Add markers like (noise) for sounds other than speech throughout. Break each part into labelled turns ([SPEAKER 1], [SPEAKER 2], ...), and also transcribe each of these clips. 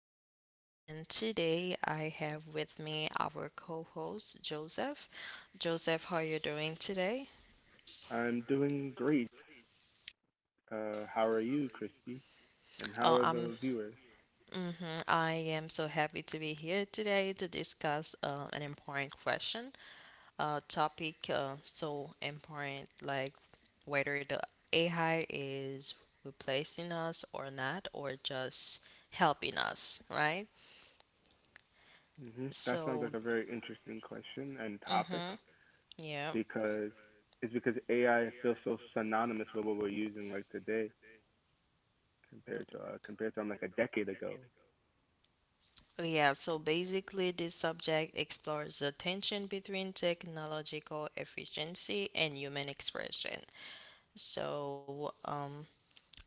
[SPEAKER 1] Melly, and today I have with me our co host, Joseph. Joseph, how are you doing today?
[SPEAKER 2] I'm doing great. How are you, Christy? And how
[SPEAKER 1] Oh,
[SPEAKER 2] are
[SPEAKER 1] I'm,
[SPEAKER 2] the viewers?
[SPEAKER 1] hmm I am so happy to be here today to discuss an important question, topic so important like whether the AI is replacing us or not, or just helping us, right?
[SPEAKER 2] Hmm, that sounds
[SPEAKER 1] So,
[SPEAKER 2] like a very interesting question and topic
[SPEAKER 1] yeah.
[SPEAKER 2] because because AI feels so synonymous with what we're using like today compared to like a decade ago.
[SPEAKER 1] Yeah, so basically, this subject explores the tension between technological efficiency and human expression. So,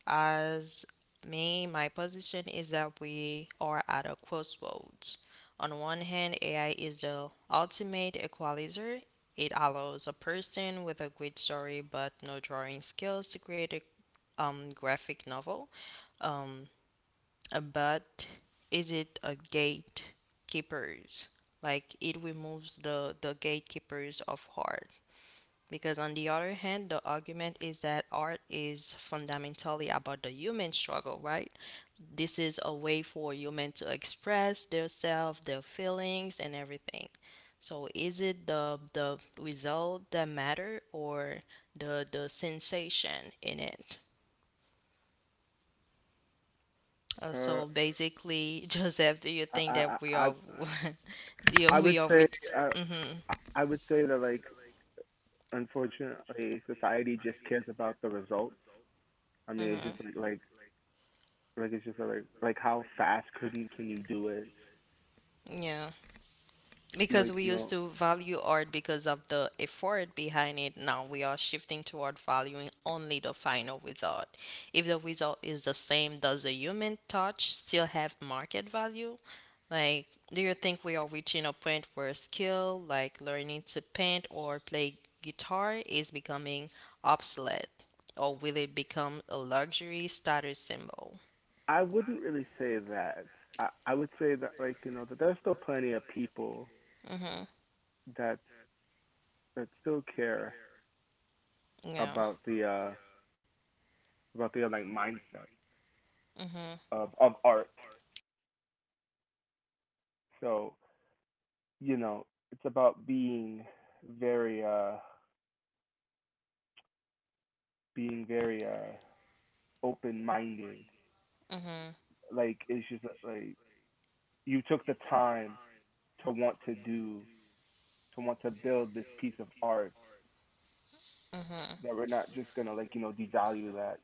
[SPEAKER 1] as my position is that we are at a crossroads. On one hand, AI is the ultimate equalizer. It allows a person with a great story but no drawing skills to create a graphic novel. um but is it a gatekeepers? Like it removes the gatekeepers of art. Because on the other hand, the argument is that art is fundamentally about the human struggle, right? This is a way for human to express their self, their feelings, and everything. So is it the result that matter or the sensation in it? Uh,
[SPEAKER 2] Uh,
[SPEAKER 1] so basically, (laughs) Joseph, do you
[SPEAKER 2] I
[SPEAKER 1] think
[SPEAKER 2] I
[SPEAKER 1] that we
[SPEAKER 2] I I
[SPEAKER 1] are, (laughs) do
[SPEAKER 2] I
[SPEAKER 1] we
[SPEAKER 2] would
[SPEAKER 1] are
[SPEAKER 2] say uh,
[SPEAKER 1] I
[SPEAKER 2] I would say that, like, unfortunately society just cares about the results. I mean, it's just like like it's just like how fast couldn't can you do it?
[SPEAKER 1] Yeah. Because
[SPEAKER 2] Like,
[SPEAKER 1] we
[SPEAKER 2] you
[SPEAKER 1] used
[SPEAKER 2] know,
[SPEAKER 1] to value art because of the effort behind it. Now we are shifting toward valuing only the final result. If the result is the same, does the human touch still have market value? Like, do you think we are reaching a point where skill like learning to paint or play guitar is becoming obsolete, or will it become a luxury status symbol?
[SPEAKER 2] I wouldn't really say that. I would say that, like, you know, that there's still plenty of people that still care
[SPEAKER 1] Yeah.
[SPEAKER 2] about the uh about the like mindset
[SPEAKER 1] Mm-hmm.
[SPEAKER 2] of art. So, you know, it's about being very uh very, uh, open minded.
[SPEAKER 1] Mm-hmm.
[SPEAKER 2] Like, it's just like, you took the time to want to do to build this piece of art that we're not just gonna, like, you know, devalue that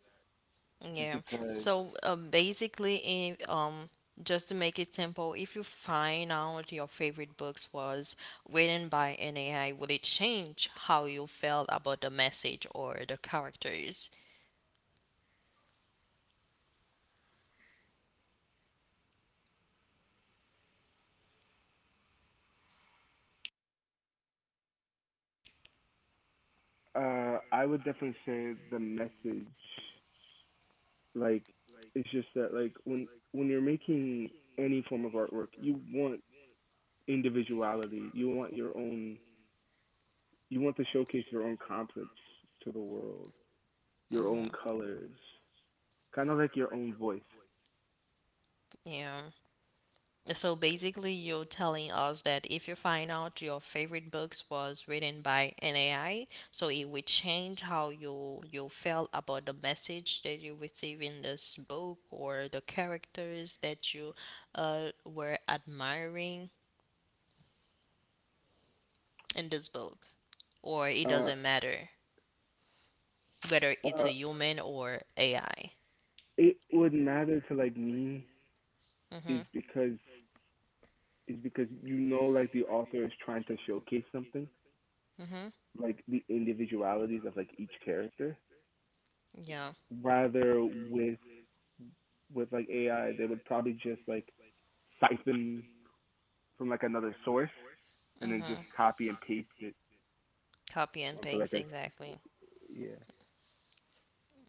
[SPEAKER 2] just
[SPEAKER 1] Yeah.
[SPEAKER 2] because.
[SPEAKER 1] So basically, if, just to make it simple, if you find out your favorite books was written by an AI, would it change how you felt about the message or the characters?
[SPEAKER 2] I would definitely say the message. Like, it's just that, like, when you're making any form of artwork, you want individuality. You want your own. You want to showcase your own concepts to the world, your
[SPEAKER 1] Hmm.
[SPEAKER 2] own colors, kind of like your own voice.
[SPEAKER 1] Yeah. So basically, you're telling us that if you find out your favorite books was written by an AI, so it would change how you felt about the message that you receive in this book or the characters that you were admiring in this book, or it
[SPEAKER 2] Uh,
[SPEAKER 1] doesn't matter whether it's a
[SPEAKER 2] uh,
[SPEAKER 1] human or AI.
[SPEAKER 2] it would matter to, like, me is
[SPEAKER 1] Mm-hmm.
[SPEAKER 2] because is because you know, like the author is trying to showcase something,
[SPEAKER 1] Mm-hmm.
[SPEAKER 2] like the individualities of like each character
[SPEAKER 1] Yeah,
[SPEAKER 2] rather with like AI, they would probably just like siphon from like another source and then just copy and paste it
[SPEAKER 1] copy and
[SPEAKER 2] onto
[SPEAKER 1] paste
[SPEAKER 2] like a
[SPEAKER 1] exactly.
[SPEAKER 2] yeah.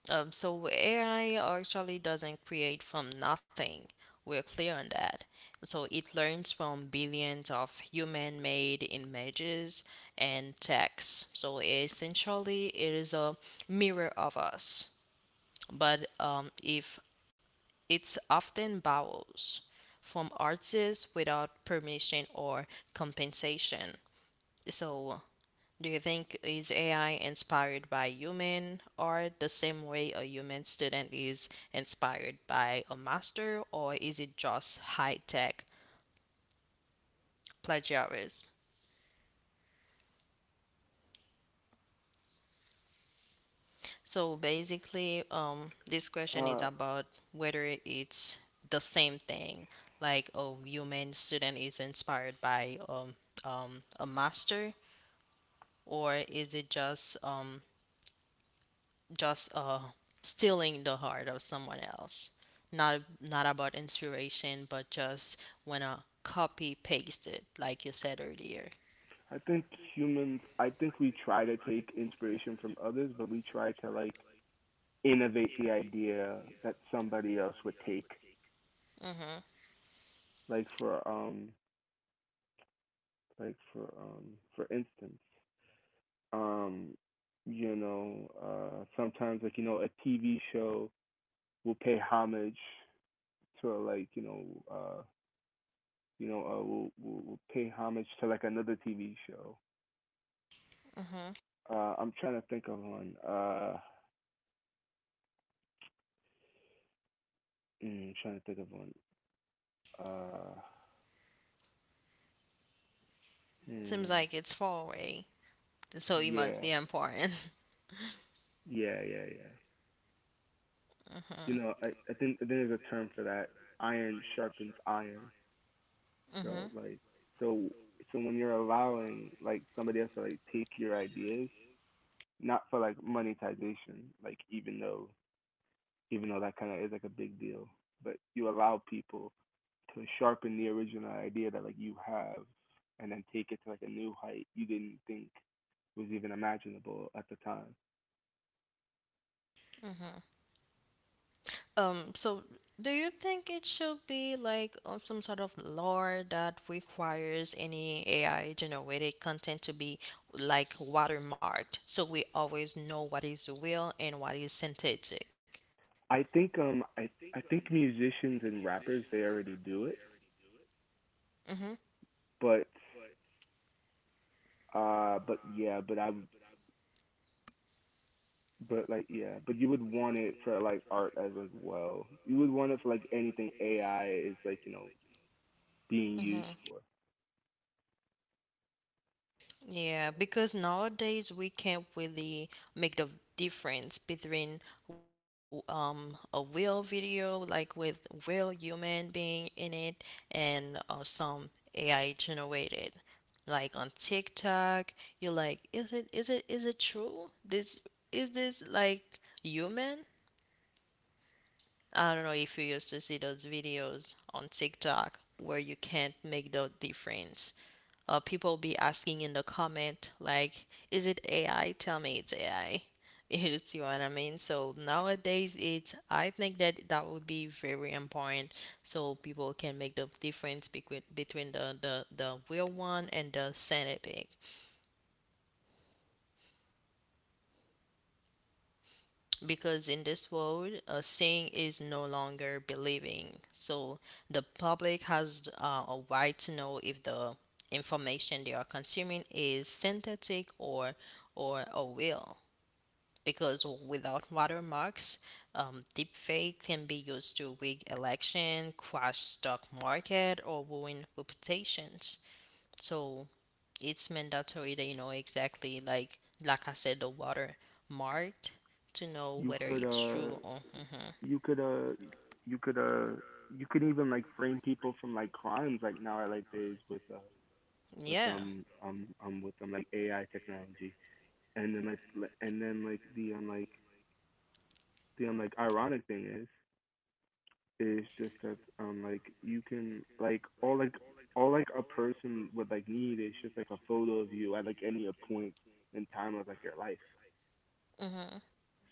[SPEAKER 1] So AI actually doesn't create from nothing. We're clear on that. So it learns from billions of human-made images and text. So essentially, it is a mirror of us. But if it's often borrows from artists without permission or compensation. So, do you think is AI inspired by human art the same way a human student is inspired by a master, or is it just high tech plagiarism? So basically, this question is
[SPEAKER 2] Uh,
[SPEAKER 1] about whether it's the same thing, like a human student is inspired by a master, or is it just just stealing the heart of someone else. Not about inspiration, but just wanna copy paste it, like you said earlier.
[SPEAKER 2] I think humans. I think we try to take inspiration from others, but we try to, like, innovate the idea that somebody else would take.
[SPEAKER 1] Mhm.
[SPEAKER 2] Like for um, like for um, for instance, um, you know, sometimes, like, you know, a TV show will pay homage to, like, you know, uh will pay homage to, like, another TV show.
[SPEAKER 1] Mhm.
[SPEAKER 2] I'm trying to think of one. I'm trying to think of one. Uh,
[SPEAKER 1] Seems
[SPEAKER 2] mm,
[SPEAKER 1] like it's far away, so it must
[SPEAKER 2] yeah,
[SPEAKER 1] be important.
[SPEAKER 2] yeah.
[SPEAKER 1] (laughs)
[SPEAKER 2] You
[SPEAKER 1] Mhm.
[SPEAKER 2] know, I think I think there's a term for that. Iron sharpens iron. So
[SPEAKER 1] Mhm.
[SPEAKER 2] like so so when you're allowing, like, somebody else to like take your ideas, not for like monetization, like even though that kind of is like a big deal, but you allow people to sharpen the original idea that like you have and then take it to like a new height you didn't think was even imaginable at the time.
[SPEAKER 1] Mhm. So do you think it should be like some sort of law that requires any AI generated content to be like watermarked so we always know what is real and what is synthetic?
[SPEAKER 2] I think I think musicians and rappers, they already do it,
[SPEAKER 1] Mm-hmm.
[SPEAKER 2] but but yeah, but I but like yeah, but you would want it for like art as well. You would want it for like anything AI is, like, you know, being used
[SPEAKER 1] Mm-hmm.
[SPEAKER 2] for.
[SPEAKER 1] Yeah, because nowadays we can't really make the difference between a real video like with real human being in it and some AI generated. Like on TikTok, you're like, is it true? This is this like human? I don't know if you used to see those videos on TikTok where you can't make the difference. People be asking in the comment, like, is it AI? Tell me it's AI. (laughs) You see what I mean? So nowadays, I think that that would be very important so people can make the difference between, between the real one and the synthetic. Because in this world, seeing is no longer believing. So the public has a right to know if the information they are consuming is synthetic or a real. Because without watermarks, deepfake can be used to rig election, crash stock market, or ruin reputations. So it's mandatory that you know exactly like I said the water marked to know
[SPEAKER 2] You
[SPEAKER 1] whether
[SPEAKER 2] could
[SPEAKER 1] it's true or hmm
[SPEAKER 2] you could uh you could uh you could even like frame people from like crimes, like now I like days with
[SPEAKER 1] yeah.
[SPEAKER 2] like AI technology. And then like li- and then like the like the like ironic thing is just that, um, like you can, all like, a person would like need is just like a photo of you at like any point in time of like your life.
[SPEAKER 1] Hmm.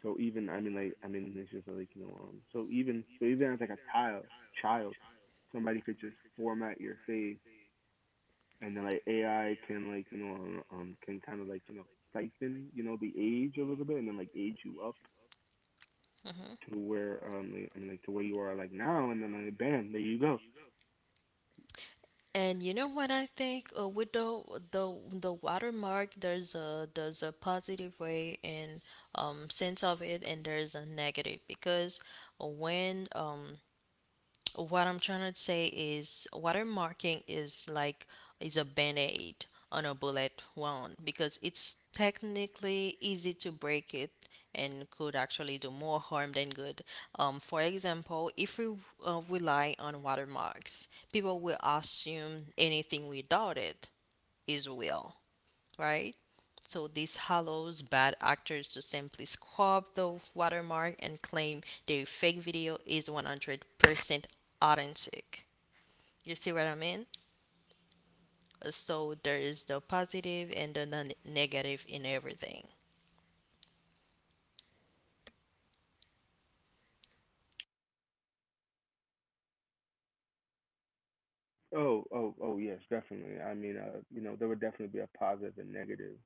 [SPEAKER 2] So even, I mean, it's just like, you know, um, so even as like a child child somebody could just format your face and then like AI can, like, you know, can kind of, like, you know, siphon, you know, the age a little bit and then like age you up
[SPEAKER 1] Hmm.
[SPEAKER 2] to where, um, like, I mean, like, to where you are like now and then like bam, there you go.
[SPEAKER 1] And you know what I think with the the the watermark, there's a positive way and sense of it, and there's a negative. Because when What I'm trying to say is watermarking is like is a band-aid on a bullet wound because it's technically easy to break it and could actually do more harm than good. For example, if we rely on watermarks, people will assume anything without it is real, right? So this allows bad actors to simply scrub the watermark and claim their fake video is 100% authentic. You see what I mean? So there is the positive and the non- negative in everything.
[SPEAKER 2] Oh, yes, definitely. I mean, uh, you know, there would definitely be a positive and negative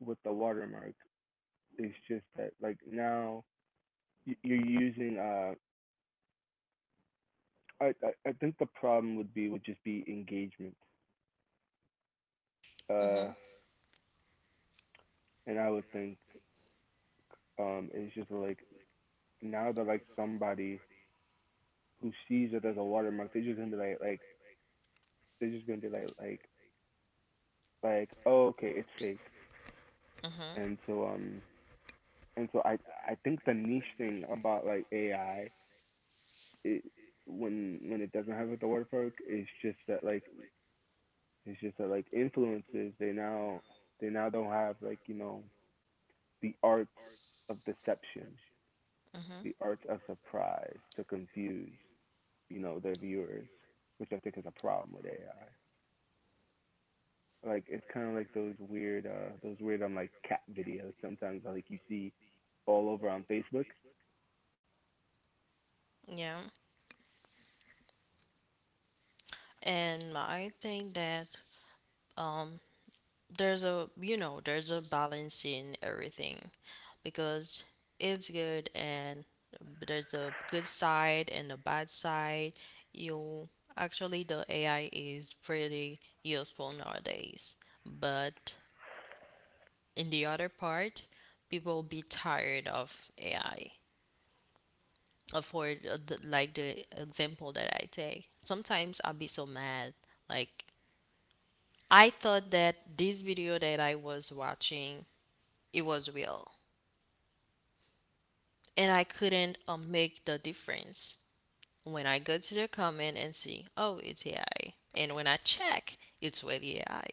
[SPEAKER 2] with the watermark. It's just that, like, now you're using I think the problem would be would just be engagement, uh
[SPEAKER 1] Mhm,
[SPEAKER 2] and I would think, um, it's just like now that, like, somebody who sees it as a watermark, they're just gonna be they're just gonna be like, like, like, oh, okay, it's fake.
[SPEAKER 1] mhm,
[SPEAKER 2] And so, and so I, I think the niche thing about, like, AI, it, when it doesn't have a watermark, it's just that, like, influencers, they now don't have, like, you know, the art of deception,
[SPEAKER 1] mhm.
[SPEAKER 2] the art of surprise to confuse, you know, their viewers, which I think is a problem with AI. Like, it's kind of like those weird, um, like cat videos sometimes, like, you see all over on Facebook.
[SPEAKER 1] Yeah, and I think that um there's a there's a balance in everything because it's good and there's a good side and a bad side. You actually, the ai is pretty useful nowadays, but in the other part people be tired of ai. For the, like the example that I take, sometimes I'll be so mad like I thought that this video that I was watching it was real and I couldn't make the difference. When I go to the comment and see, oh, it's AI, and when I check, it's really AI,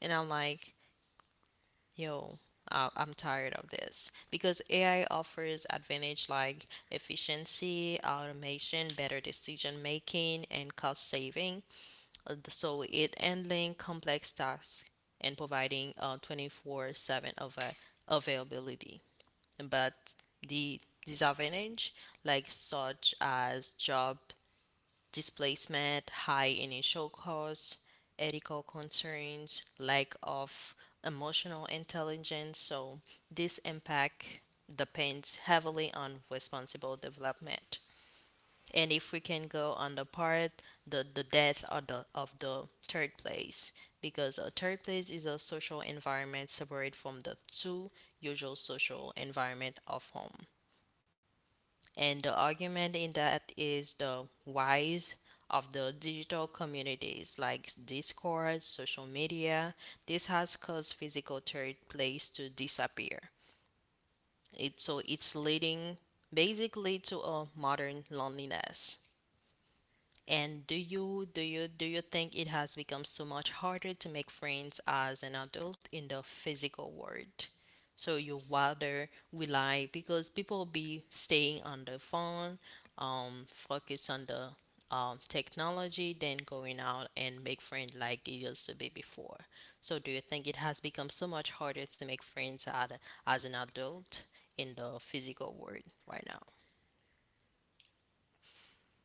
[SPEAKER 1] and I'm like, yo, I- I'm tired of this because AI offers advantage like efficiency, automation, better decision making, and cost saving. So it handling complex tasks and providing 24/7 av- availability, but the disadvantage like such as job displacement, high initial costs, ethical concerns, lack of emotional intelligence. So this impact depends heavily on responsible development. And if we can go on the part the death of the third place, because a third place is a social environment separate from the two usual social environment of home. And the argument in that is the rise of the digital communities like Discord, social media. This has caused physical third place to disappear. So it's leading basically to a modern loneliness. And do you think it has become so much harder to make friends as an adult in the physical world? So you rather rely because people be staying on the phone, focus on the technology than going out and make friends like it used to be before. So do you think it has become so much harder to make friends as an adult in the physical world right now?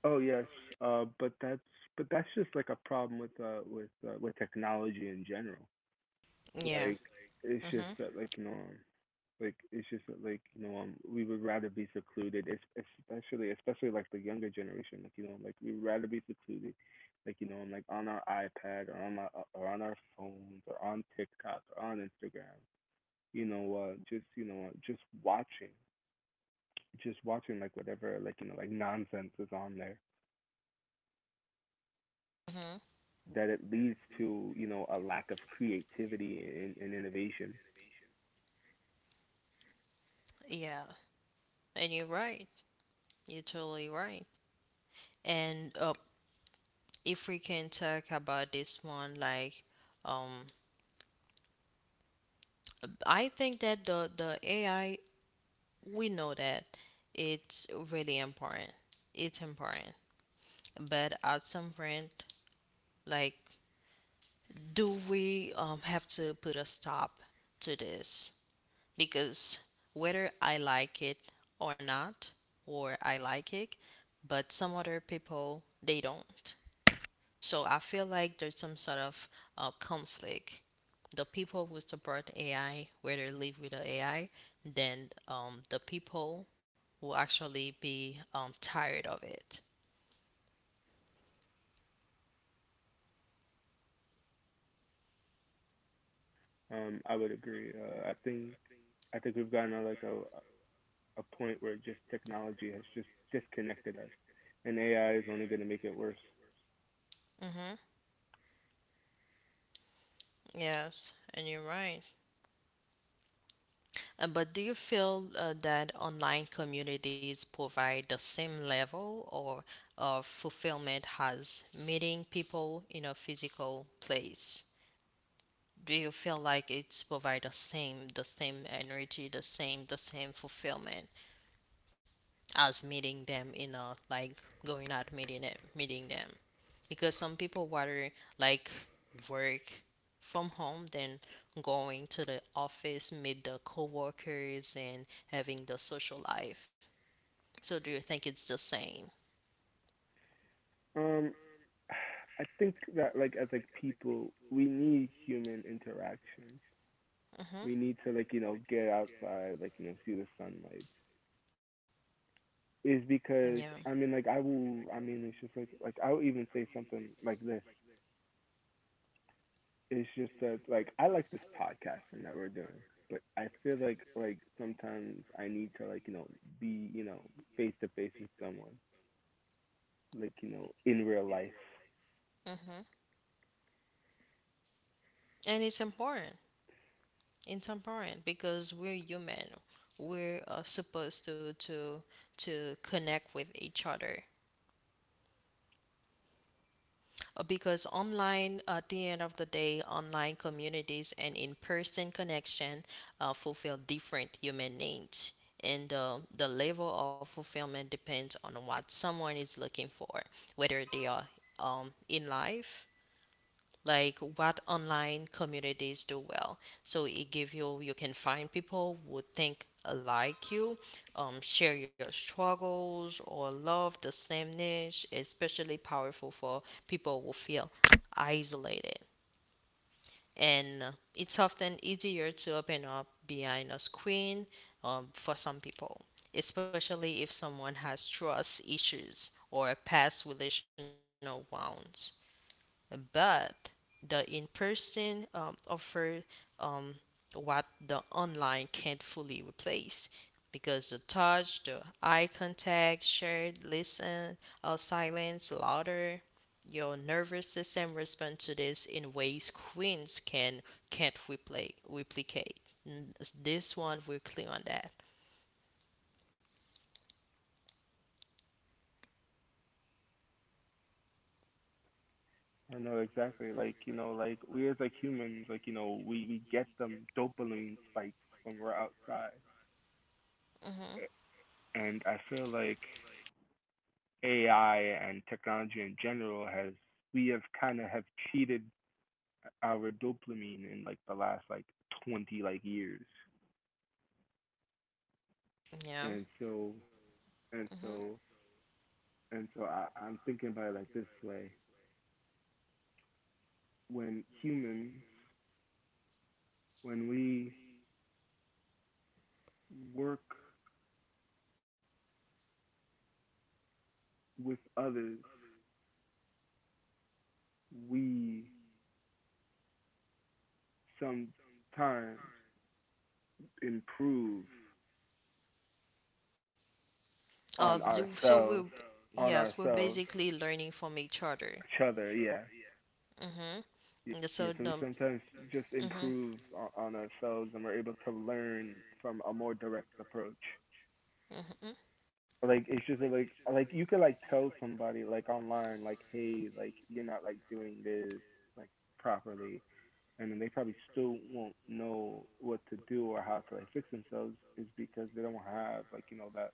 [SPEAKER 2] Oh yes, but that's just like a problem with with technology in general.
[SPEAKER 1] Yeah.
[SPEAKER 2] Like, it's just that, like, you know, like, it's just that, like, you know, um, we would rather be secluded, especially like the younger generation. Like, you know, like, we'd rather be secluded, like, you know, like on our iPad or on my or on our phones or on TikTok or on Instagram, you know, just, you know, just watching, like, whatever, like, you know, like nonsense is on there,
[SPEAKER 1] Mm-hmm.
[SPEAKER 2] that it leads to, you know, a lack of creativity and innovation.
[SPEAKER 1] Yeah. And you're right. You're totally right. And if we can talk about this one, like, um, I think that the AI, we know that it's really important. It's important, but at some point, like, do we have to put a stop to this? Because whether I like it or not, or I like it, but some other people they don't. So I feel like there's some sort of conflict. The people who support AI, where they live with the AI, then the people will actually be tired of it.
[SPEAKER 2] I would agree. I think we've gotten to like a point where just technology has just disconnected us, and AI is only going to make it worse.
[SPEAKER 1] Mm-hmm. Yes, and you're right. But do you feel that online communities provide the same level or of fulfillment as meeting people in a physical place? Do you feel like it's provide the same energy the same fulfillment as meeting them in a like going out meeting them, because some people rather like work from home than going to the office, meet the coworkers and having the social life. So do you think it's the same?
[SPEAKER 2] Um, (sighs) I think that like, as like people, we need human interaction.
[SPEAKER 1] Hmm.
[SPEAKER 2] We need to, like, you know, get outside, like, you know, see the sunlight, is
[SPEAKER 1] Yeah.
[SPEAKER 2] because I mean, like, I will. I mean, it's just like, I'll even say something like this. It's just that, like, I like this podcasting that we're doing, but I feel like, sometimes I need to, like, you know, be, you know, face to face with someone, like, you know, in real life.
[SPEAKER 1] Hmm. And it's important intemperate because we're human. We're supposed to connect with each other. Because online, at the end of the day, online communities and in-person connection fulfill different human needs, and the level of fulfillment depends on what someone is looking for, whether they are in life like what online communities do well. So it give you you can find people who think like you, share your struggles or love the same niche. Especially powerful for people who feel isolated, and it's often easier to open up behind a screen for some people, especially if someone has trust issues or past relational wounds. But the in-person offer um, what the online can't fully replace, because the touch, the eye contact, shared, listen, silence, louder. Your nervous system responds to this in ways screens can't repli- replicate. N- This one we're clear on that.
[SPEAKER 2] I know exactly. Like, you know, like, we, as like humans, like, you know, we get them dopamine spikes when we're outside,
[SPEAKER 1] Hmm.
[SPEAKER 2] and I feel like AI and technology in general has we have kind of have cheated our dopamine in like the last like 20 like years.
[SPEAKER 1] Yeah.
[SPEAKER 2] And so and
[SPEAKER 1] Hmm.
[SPEAKER 2] so I'm thinking about it like this way. When humans, when we work with others, we sometimes improve on
[SPEAKER 1] So we
[SPEAKER 2] ourselves on
[SPEAKER 1] yes, we're
[SPEAKER 2] ourselves
[SPEAKER 1] basically learning from each other.
[SPEAKER 2] each other, yeah.
[SPEAKER 1] Mhm.
[SPEAKER 2] Yeah,
[SPEAKER 1] And so
[SPEAKER 2] yeah, so we
[SPEAKER 1] the
[SPEAKER 2] sometimes just
[SPEAKER 1] mhm.
[SPEAKER 2] improve on ourselves, and we're able to learn from a more direct approach.
[SPEAKER 1] Mhm.
[SPEAKER 2] Like, it's just like, like, you could like tell somebody like online, like, hey, like, you're not like doing this like properly, and then they probably still won't know what to do or how to like fix themselves, is because they don't have, like, you know, that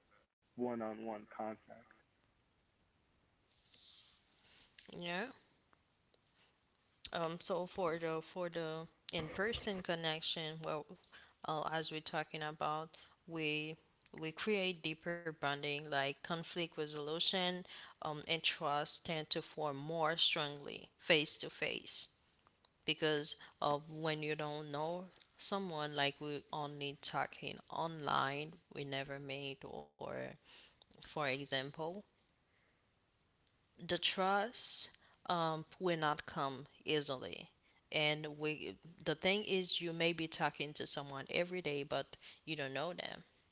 [SPEAKER 2] one on one contact.
[SPEAKER 1] Yeah. So for the in-person connection, well, as we're talking about, we we create deeper bonding, like conflict resolution, and trust tend to form more strongly face to face, because when you don't know someone, like we only talking online, we never meet, or for example, the trust will not come easily. And we, the thing is, you may be talking to someone every day, but you don't know them.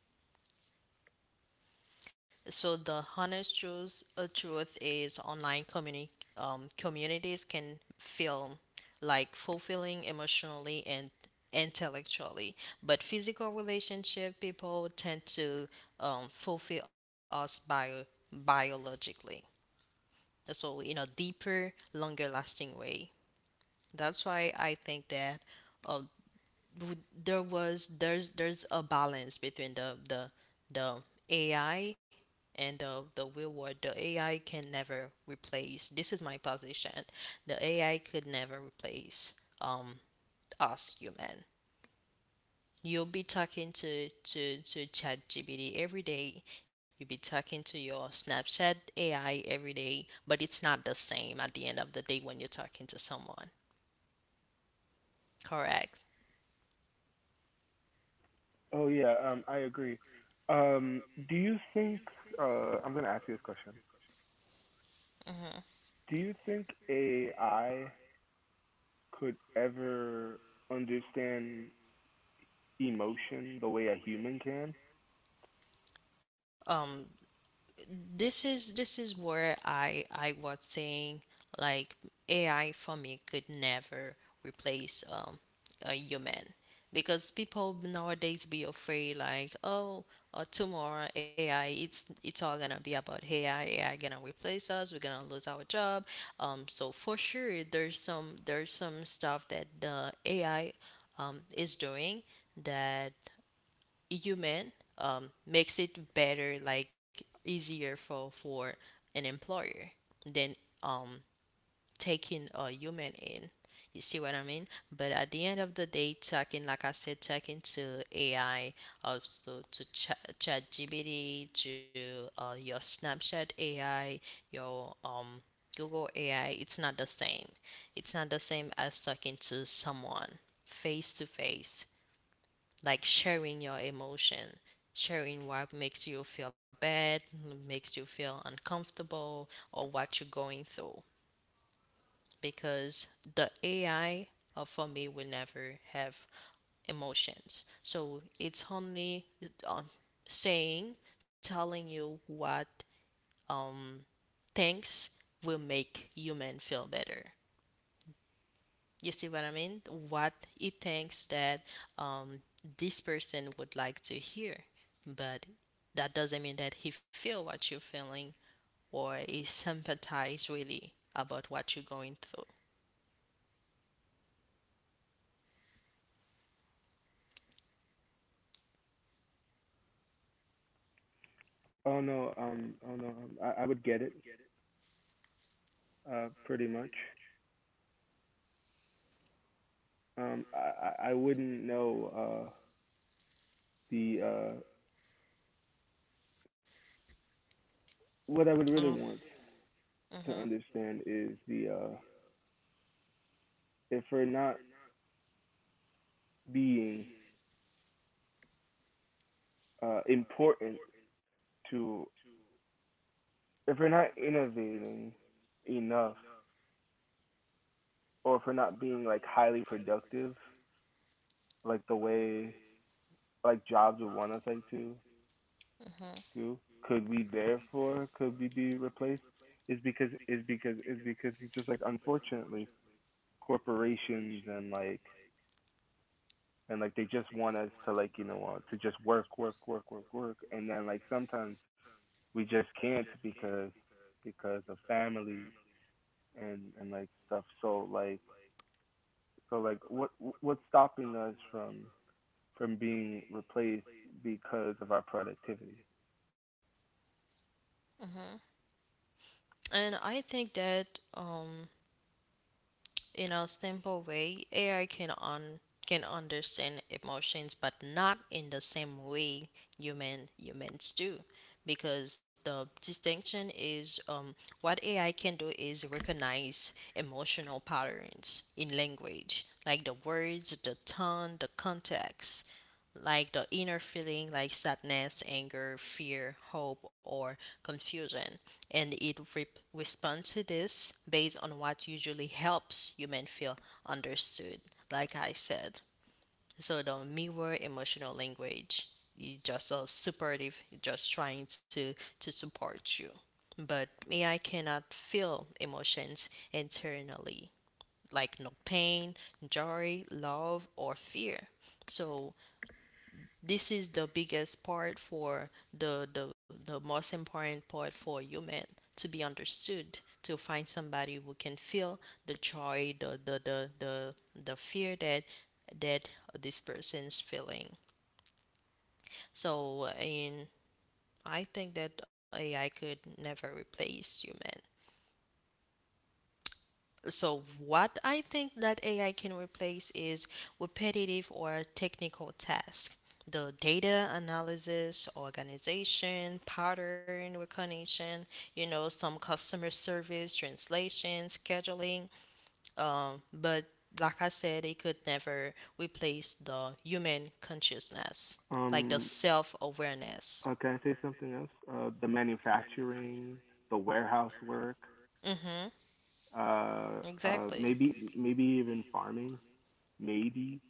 [SPEAKER 1] So the honest truth, truth is online communities can feel like fulfilling emotionally and intellectually, but physical relationship people tend to fulfill us biologically. So in a deeper, longer lasting way. That's why I think that uh, w- there's a balance between the AI and the real world. The AI can never replace. This is my position. The AI could never replace um us human. You'll be talking to to ChatGPT every day. You'll be talking to your Snapchat AI every day, but it's not the same at the end of the day when you're talking to someone. Correct.
[SPEAKER 2] Oh yeah, um, I agree. Um, do you think, I'm going to ask you this question. Do you think AI could ever understand emotion the way a human can?
[SPEAKER 1] Um, this is where I was saying, like, AI for me could never replace a human, because people nowadays be afraid like, oh, tomorrow AI it's all gonna be about AI. AI gonna replace us, we're gonna lose our job. So for sure there's some stuff that the AI is doing that human makes it better, like easier for an employer than um, taking a human in. You see what I mean? But at the end of the day, talking, like I said, talking to AI, also to ChatGPT, to your Snapchat AI, your Google AI, it's not the same. It's not the same as talking to someone face to face, like sharing your emotion, sharing what makes you feel bad, makes you feel uncomfortable, or what you're going through. Because the AI, or for me, will never have emotions. So it's only um, saying, telling you what um, things will make human feel better. You see what I mean? What he thinks that um, this person would like to hear, but that doesn't mean that he feel what you're feeling or he sympathize really about what you're going through.
[SPEAKER 2] Oh no, oh no, I would get it, pretty much. I wouldn't know, the, uh, what I would
[SPEAKER 1] Mm.
[SPEAKER 2] really want to
[SPEAKER 1] Hmm.
[SPEAKER 2] understand is if we're not being, important to, if we're not innovating enough, or if we're not being like highly productive, like the way like jobs would want us like to,
[SPEAKER 1] hmm
[SPEAKER 2] too. Could we therefore could we be replaced? Is because is because is because it's just like, unfortunately, corporations and like they just want us to, like, you know, to just work work work work work, and then like sometimes we just can't because of families and like stuff, so like what what's stopping us from being replaced because of our productivity?
[SPEAKER 1] hmm And I think that in a simple way, AI can understand emotions, but not in the same way humans do, because the distinction is, what AI can do is recognize emotional patterns in language, like the words, the tone, the context, like the inner feeling like sadness, anger, fear, hope, or confusion. And it responds to this based on what usually helps human feel understood, like I said. So the mirror emotional language. You just so supportive, you're just trying to support you. But AI cannot feel emotions internally, like no pain, joy, love, or fear. So this is the biggest part for the most important part for human to be understood, to find somebody who can feel the joy, the fear that that this person's feeling. So in, I think that AI could never replace human. So, what I think that AI can replace is repetitive or technical tasks. The data analysis, organization, pattern recognition, you know, some customer service, translation, scheduling. But like I said, it could never replace the human consciousness, like the
[SPEAKER 2] Um,
[SPEAKER 1] self awareness.
[SPEAKER 2] uh, can I say something else? The manufacturing, the warehouse work,
[SPEAKER 1] Exactly.
[SPEAKER 2] maybe even farming, maybe.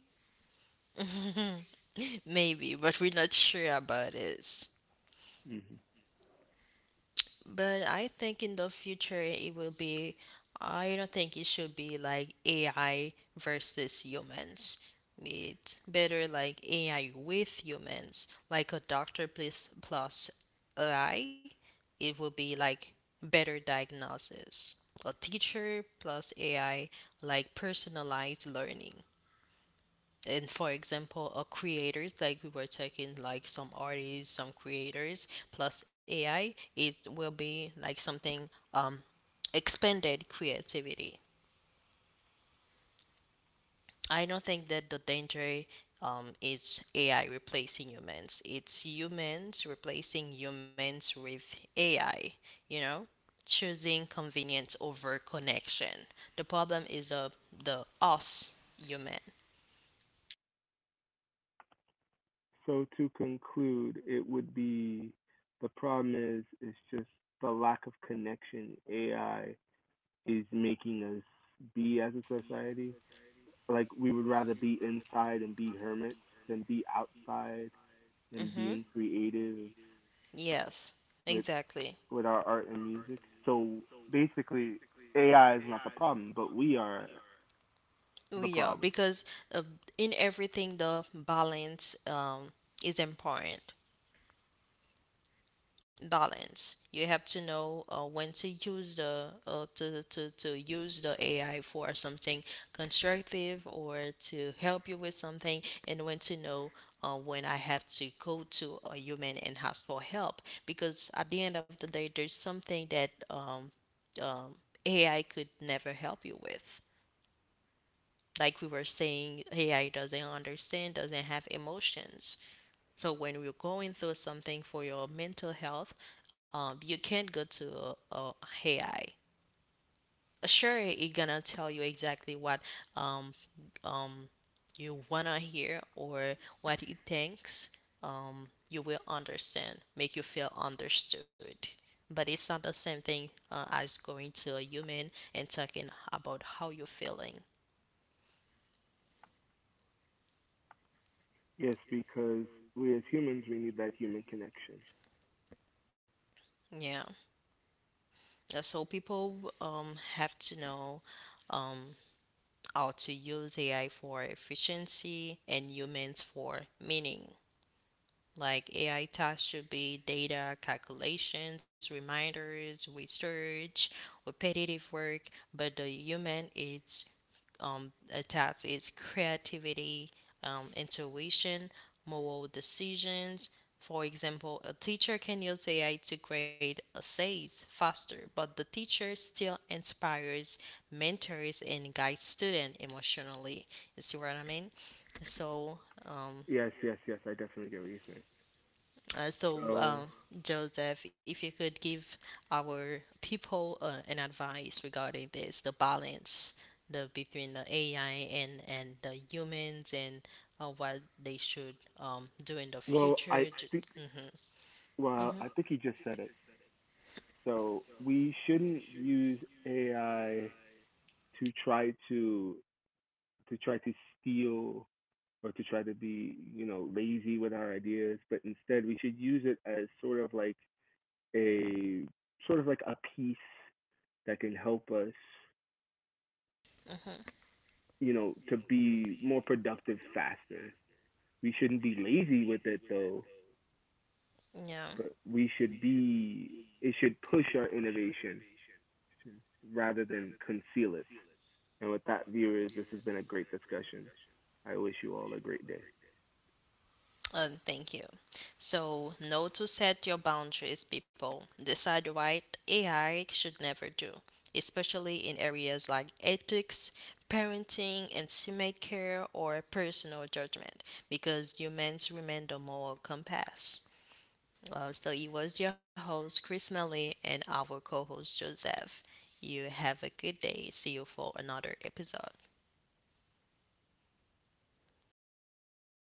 [SPEAKER 1] Maybe, but we're not sure about it.
[SPEAKER 2] Hmm.
[SPEAKER 1] But I think in the future it will be, I don't think it should be like AI versus humans. It's better like AI with humans, like a doctor plus AI. It will be like better diagnosis. A teacher plus AI, like personalized learning, and for example, creators, like we were talking, like some artists, some creators plus AI, it will be like something um expanded creativity. I don't think that the danger is AI replacing humans, it's humans replacing humans with AI, you know, choosing convenience over connection. The problem is, the us human.
[SPEAKER 2] So to conclude, it would be the problem is just the lack of connection AI is making us be as a society. Like we would rather be inside and be hermits than be outside and
[SPEAKER 1] Hmm.
[SPEAKER 2] being creative
[SPEAKER 1] Yes,
[SPEAKER 2] with
[SPEAKER 1] exactly.
[SPEAKER 2] our art and music. So basically, AI is not the problem, but we are
[SPEAKER 1] Oh,
[SPEAKER 2] the
[SPEAKER 1] yeah,
[SPEAKER 2] problem.
[SPEAKER 1] because uh, in everything, the balance is important. Balance. You have to know when to use the to use the AI for something constructive or to help you with something, and when to know when I have to go to a human and ask for help. Because at the end of the day, there's something that um, AI could never help you with, like we were saying, AI doesn't understand, doesn't have emotions. So when you're going through something for your mental health, you can't go to a, AI. Sure, it gonna tell you exactly what um, um, you wanna hear or what it thinks. You will understand, make you feel understood. But it's not the same thing as going to a human and talking about how you're feeling.
[SPEAKER 2] Yes, because we, as humans, we need that human connection.
[SPEAKER 1] Yeah. So people have to know um, how to use AI for efficiency and humans for meaning. Like AI tasks should be data calculations, reminders, research, repetitive work, but the human, it's a task is creativity, intuition, moral decisions. For example, a teacher can use AI to grade essays faster, but the teacher still inspires, mentors, and guides students emotionally. You see what I mean? So, um,
[SPEAKER 2] Yes, yes, yes. I definitely get what you're saying.
[SPEAKER 1] uh, so,
[SPEAKER 2] So,
[SPEAKER 1] um, Joseph, if you could give our people an advice regarding this, the balance the between the AI and the humans, and what they should do in the
[SPEAKER 2] well, I
[SPEAKER 1] future.
[SPEAKER 2] think,
[SPEAKER 1] Mhm.
[SPEAKER 2] well, I think he just said it. So we shouldn't use AI to try to to try to steal or to try to be, you know, lazy with our ideas, but instead we should use it as sort of like a piece that can help us, you know, to be more productive faster. We shouldn't be lazy with it though,
[SPEAKER 1] Yeah.
[SPEAKER 2] but we should be it should push our innovation rather than conceal it. And with that, viewers, this has been a great discussion. I wish you all a great day.
[SPEAKER 1] Thank you. So, know to set your boundaries, people. Decide what AI should never do, especially in areas like ethics, parenting, intimate care, or personal judgment, because humans remain the moral compass. Well, so it was your host, Chris Melly, and our co host, Joseph. You have a good day. See you for another episode.